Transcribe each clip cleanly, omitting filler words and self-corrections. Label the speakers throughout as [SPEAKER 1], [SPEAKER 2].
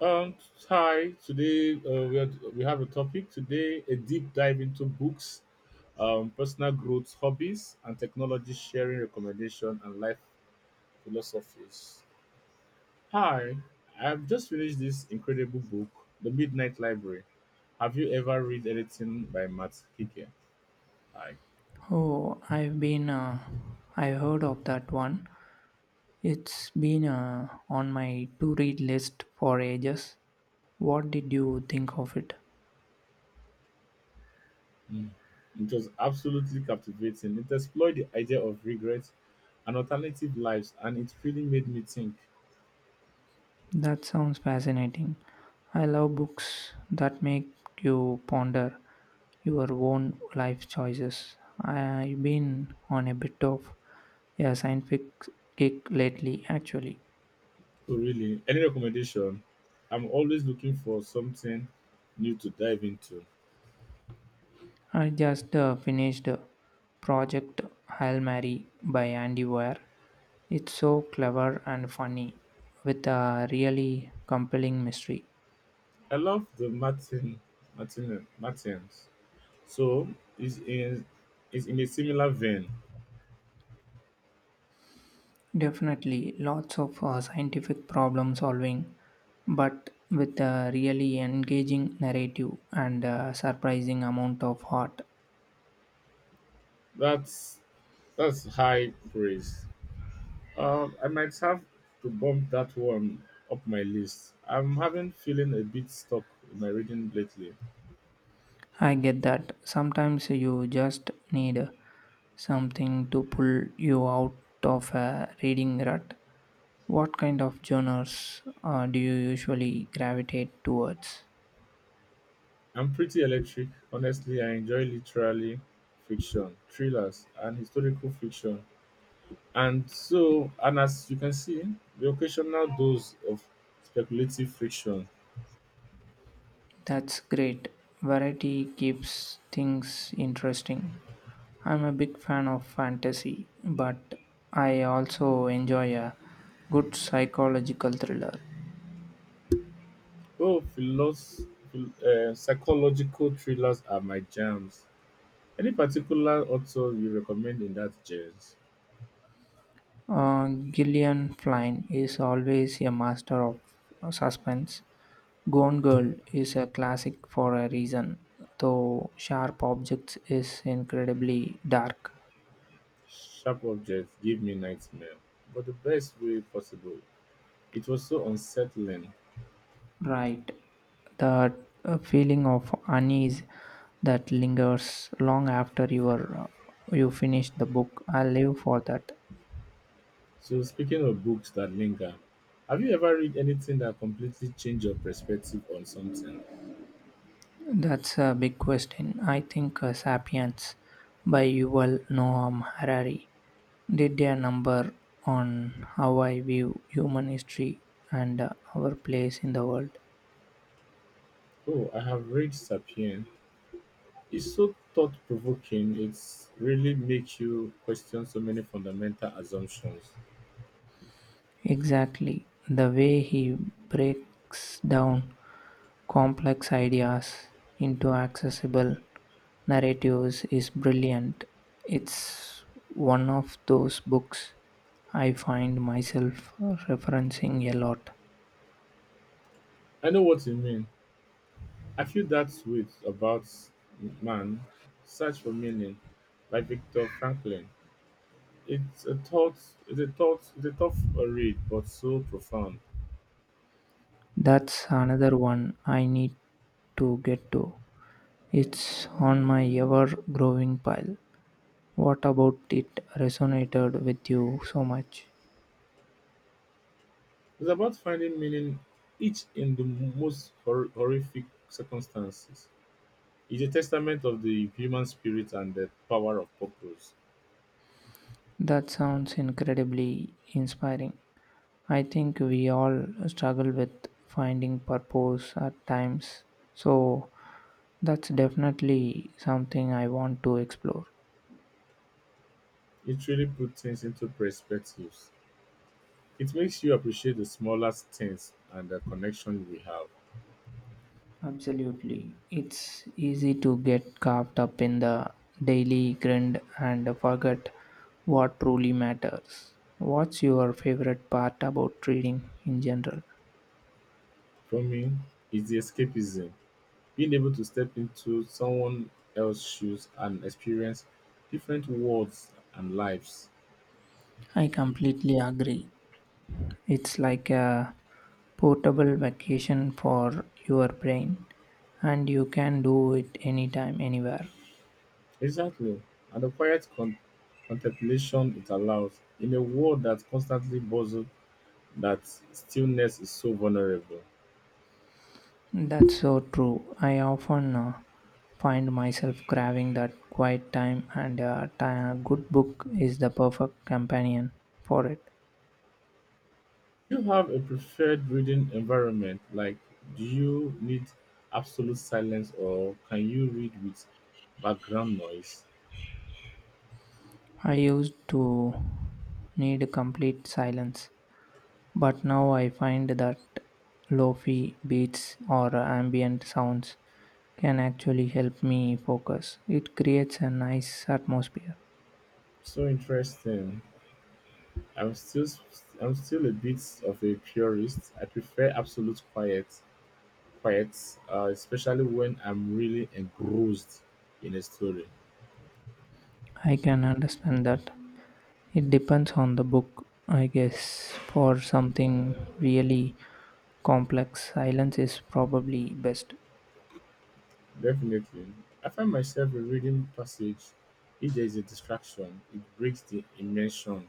[SPEAKER 1] Um, Hi. Today we have a topic today: a deep dive into books, personal growth, hobbies, and technology sharing recommendation and life philosophies. Hi, I've just finished this incredible book, The Midnight Library. Have you ever read anything by Matt Hickey? Hi.
[SPEAKER 2] Oh, I've been, I heard of that one. It's been on my to read list for ages. What did you think of it?
[SPEAKER 1] Mm. It was absolutely captivating. It explored the idea of regret and alternative lives, and it really made me think.
[SPEAKER 2] That sounds fascinating. I love books that make you ponder your own life choices. I've been on a bit of a scientific kick lately, actually.
[SPEAKER 1] Oh, really? Any recommendation? I'm always looking for something new to dive into.
[SPEAKER 2] I just finished Project Hail Mary by Andy Weir. It's so clever and funny with a really compelling mystery.
[SPEAKER 1] I love the Martin Martins. So is in is in a similar vein.
[SPEAKER 2] Definitely lots of scientific problem solving, but with a really engaging narrative and a surprising amount of heart.
[SPEAKER 1] That's that's high praise. I might have to bump that one up my list. I'm having feeling a bit stuck in my reading lately.
[SPEAKER 2] I get that sometimes you just need something to pull you out of a reading rut. What kind of genres do you usually gravitate towards?
[SPEAKER 1] I'm pretty electric, honestly. I enjoy literally fiction, thrillers, and historical fiction. And so, and as you can see, the occasional dose of speculative fiction.
[SPEAKER 2] That's great. Variety keeps things interesting. I'm a big fan of fantasy, but I also enjoy a good psychological thriller.
[SPEAKER 1] Oh, psychological thrillers are my jams. Any particular author you recommend in that genre?
[SPEAKER 2] Gillian Flynn is always a master of suspense. Gone Girl is a classic for a reason, though Sharp Objects is incredibly dark.
[SPEAKER 1] Sharp Objects give me nightmare, but the best way possible. It was so unsettling.
[SPEAKER 2] Right. That feeling of unease that lingers long after you finish the book. I live for that.
[SPEAKER 1] So, speaking of books that linger, have you ever read anything that completely changed your perspective on something?
[SPEAKER 2] That's a big question. I think *Sapiens* by Yuval Noam Harari did a number on how I view human history and our place in the world.
[SPEAKER 1] Oh, I have read *Sapien*. It's so thought provoking. It's really makes you question so many fundamental assumptions.
[SPEAKER 2] Exactly. The way he breaks down complex ideas into accessible narratives is brilliant. It's one of those books I find myself referencing a lot.
[SPEAKER 1] I know what you mean. I feel that way about man, search for meaning, by Viktor Franklin. It's a thought. It's a thought. It's a tough read, but so profound.
[SPEAKER 2] That's another one I need to get to. It's on my ever growing pile. What about it resonated with you so much?
[SPEAKER 1] It's about finding meaning, each in the most horrific circumstances. It's a testament of the human spirit and the power of purpose.
[SPEAKER 2] That sounds incredibly inspiring. I think we all struggle with finding purpose at times. So that's definitely something I want to explore.
[SPEAKER 1] It really puts things into perspectives. It makes you appreciate the smallest things and the connection we have.
[SPEAKER 2] Absolutely. It's easy to get caught up in the daily grind and forget what truly matters. What's your favorite part about reading in general?
[SPEAKER 1] For me, it's the escapism, being able to step into someone else's shoes and experience different worlds and lives.
[SPEAKER 2] I completely agree. It's like a portable vacation for your brain, and you can do it anytime, anywhere.
[SPEAKER 1] Exactly. And the quiet contemplation it allows in a world that constantly buzzes, that stillness is so vulnerable.
[SPEAKER 2] That's so true. I often find myself craving that quiet time, and a good book is the perfect companion for it.
[SPEAKER 1] Do you have a preferred reading environment? Like, do you need absolute silence or can you read with background noise?
[SPEAKER 2] I used to need complete silence, but now I find that lofi beats or ambient sounds can actually help me focus. It creates a nice atmosphere.
[SPEAKER 1] So interesting. I'm still I'm still a bit of a purist. I prefer absolute quiet, especially when I'm really engrossed in a story.
[SPEAKER 2] I can understand that. It depends on the book, I guess. For something really complex, silence is probably best.
[SPEAKER 1] Definitely, I find myself in reading passage. If there is a distraction, it breaks the immersion.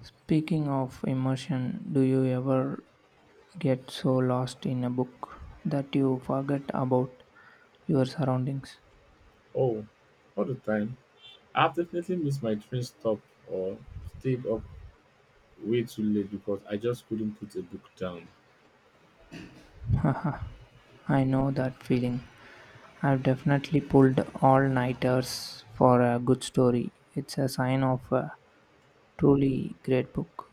[SPEAKER 2] Speaking of immersion, do you ever get so lost in a book that you forget about your surroundings?
[SPEAKER 1] Oh, all the time. I've definitely missed my train stop or stayed up way too late because I just couldn't put a book down.
[SPEAKER 2] I know that feeling. I've definitely pulled all-nighters for a good story. It's a sign of a truly great book.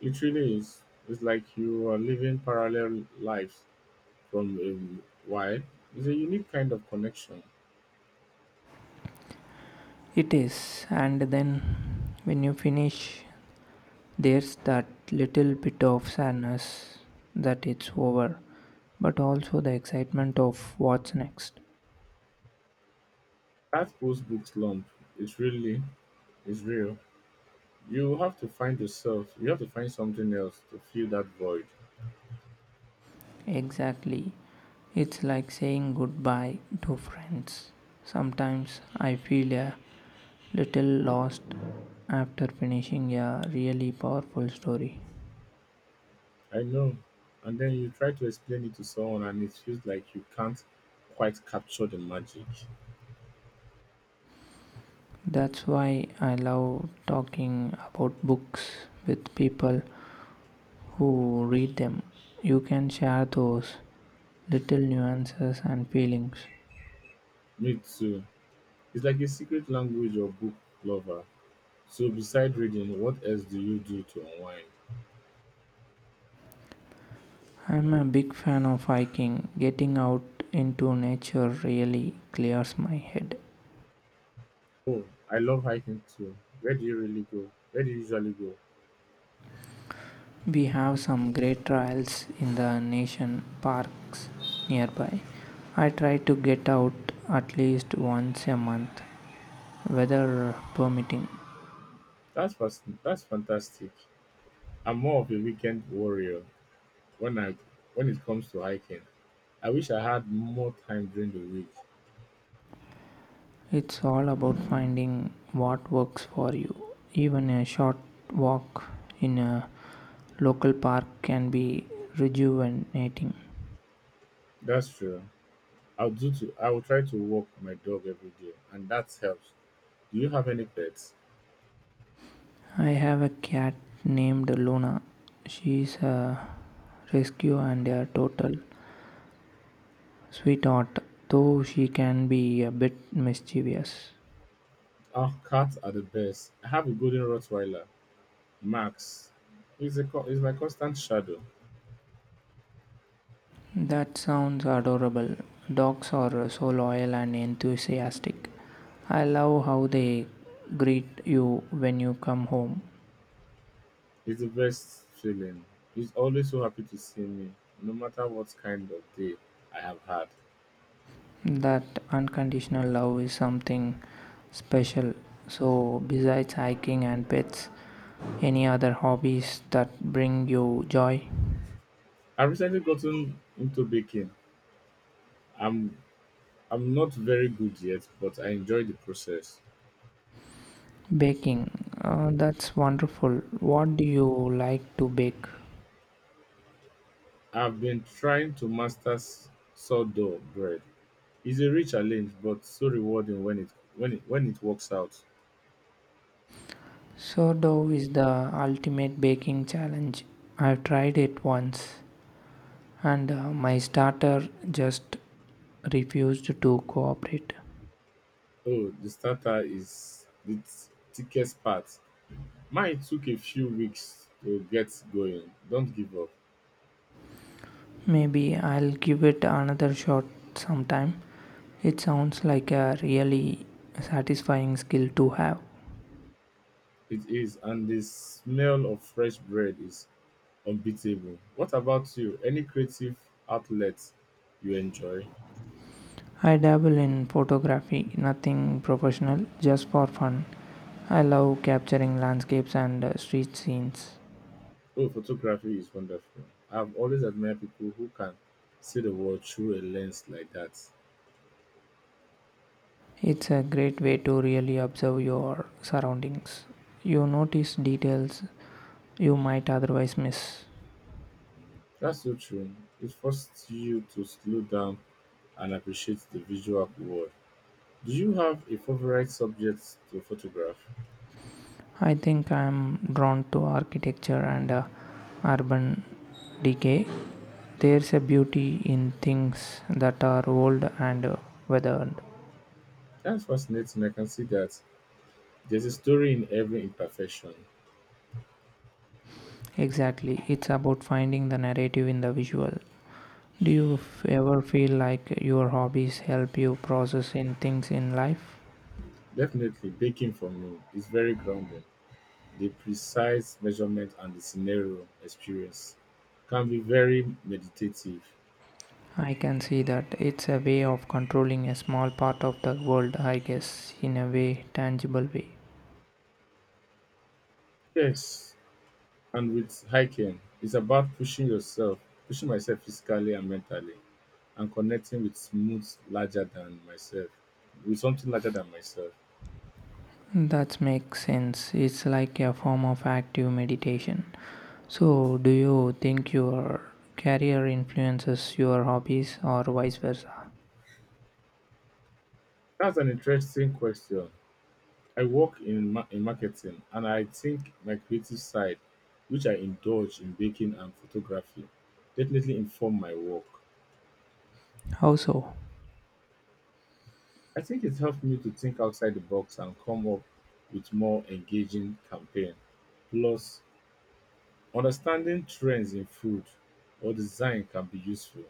[SPEAKER 1] It really is. It's like you are living parallel lives from a while. It's a unique kind of connection.
[SPEAKER 2] It is, and then when you finish, there's that little bit of sadness that it's over, but also the excitement of what's next.
[SPEAKER 1] That post book slump is really is real. You have to find yourself. You have to find something else to fill that void.
[SPEAKER 2] Exactly. It's like saying goodbye to friends. Sometimes I feel a little lost after finishing a really powerful story.
[SPEAKER 1] I know. And then you try to explain it to someone, and it feels like you can't quite capture the magic.
[SPEAKER 2] That's why I love talking about books with people who read them. You can share those little nuances and feelings.
[SPEAKER 1] Me too. It's like a secret language of book lover. So beside reading, what else do you do to unwind?
[SPEAKER 2] I'm a big fan of hiking. Getting out into nature really clears my head.
[SPEAKER 1] Oh, I love hiking too. Where do you really go? Where do you usually go?
[SPEAKER 2] We have some great trails in the nation parks nearby. I try to get out at least once a month, weather permitting.
[SPEAKER 1] That's fantastic. I'm more of a weekend warrior when I when it comes to hiking. I wish I had more time during the week.
[SPEAKER 2] It's all about finding what works for you. Even a short walk in a local park can be rejuvenating.
[SPEAKER 1] That's true. I will try to walk my dog every day and that helps. Do you have any pets?
[SPEAKER 2] I have a cat named Luna. She's a rescue and a total sweetheart, though she can be a bit mischievous.
[SPEAKER 1] Our cats are the best. I have a golden Rottweiler. Max is my constant shadow.
[SPEAKER 2] That sounds adorable. Dogs are so loyal and enthusiastic. I love how they greet you when you come home.
[SPEAKER 1] It's the best feeling. He's always so happy to see me, no matter what kind of day I have had.
[SPEAKER 2] That unconditional love is something special. So, besides hiking and pets, any other hobbies that bring you joy?
[SPEAKER 1] I've recently gotten into baking. I'm I'm not very good yet, but I enjoy the process.
[SPEAKER 2] Baking. That's wonderful. What do you like to bake?
[SPEAKER 1] I've been trying to master sourdough bread. It's a rich challenge, but so rewarding when it works out.
[SPEAKER 2] Sourdough is the ultimate baking challenge. I've tried it once, and my starter just refused to cooperate.
[SPEAKER 1] Oh, the starter is the thickest part. Mine took a few weeks to get going. Don't give up.
[SPEAKER 2] Maybe I'll give it another shot sometime. It sounds like a really satisfying skill to have.
[SPEAKER 1] It is, and the smell of fresh bread is unbeatable. What about you? Any creative outlets you enjoy?
[SPEAKER 2] I dabble in photography, nothing professional, just for fun. I love capturing landscapes and street scenes.
[SPEAKER 1] Oh, photography is wonderful. I've always admired people who can see the world through a lens like that.
[SPEAKER 2] It's a great way to really observe your surroundings. You notice details you might otherwise miss.
[SPEAKER 1] That's so true. It forces you to slow down and appreciate the visual world. Do you have a favorite subject to photograph?
[SPEAKER 2] I think I'm drawn to architecture and urban decay. There's a beauty in things that are old and weathered.
[SPEAKER 1] That's fascinating. I can see that. There's a story in every imperfection.
[SPEAKER 2] Exactly, it's about finding the narrative in the visual. Ever feel like your hobbies help you process in things in life?
[SPEAKER 1] Definitely, baking for me is very grounded. The precise measurement and the scenario experience can be very meditative.
[SPEAKER 2] I can see that it's a way of controlling a small part of the world, I guess, in a way, tangible way.
[SPEAKER 1] Yes, and with hiking, it's about pushing yourself, pushing myself physically and mentally, and connecting with moods larger than myself, with something larger than myself.
[SPEAKER 2] That makes sense. It's like a form of active meditation. So, do you think your career influences your hobbies or vice versa?
[SPEAKER 1] That's an interesting question. I work in, in marketing and I think my creative side, which I indulge in baking and photography, definitely inform my work.
[SPEAKER 2] How so?
[SPEAKER 1] I think it helped me to think outside the box and come up with more engaging campaign. Plus, understanding trends in food or design can be useful.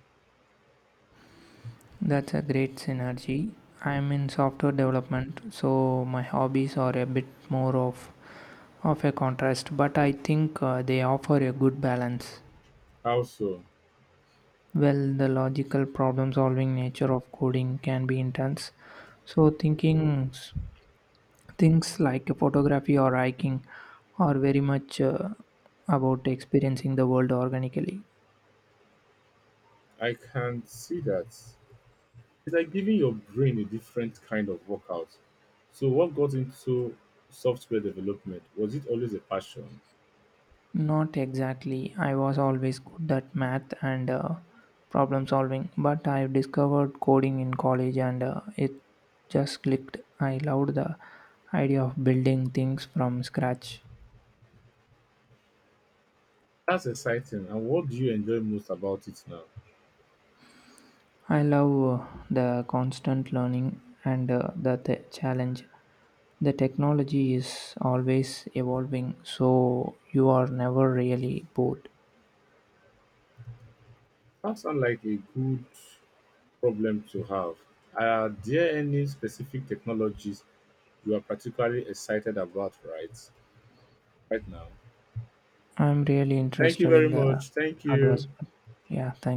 [SPEAKER 2] That's a great synergy. I'm in software development, so my hobbies are a bit more of a contrast, but I think they offer a good balance.
[SPEAKER 1] Also,
[SPEAKER 2] Well, the logical problem solving nature of coding can be intense, so thinking things like photography or hiking are very much about experiencing the world organically.
[SPEAKER 1] I can see that it's like giving your brain a different kind of workout. So, what got into software development? Was it always a passion?
[SPEAKER 2] Not exactly. I was always good at math and problem solving, but I've discovered coding in college and it just clicked. I loved the idea of building things from scratch.
[SPEAKER 1] That's exciting. And what do you enjoy most about it now?
[SPEAKER 2] I love the constant learning and challenge. The technology is always evolving, so you are never really bored.
[SPEAKER 1] That sounds like a good problem to have. Are there any specific technologies you are particularly excited about right now?
[SPEAKER 2] I'm really
[SPEAKER 1] Thank you
[SPEAKER 2] interested
[SPEAKER 1] very
[SPEAKER 2] in the
[SPEAKER 1] much. Thank you.
[SPEAKER 2] advancement. Yeah, thank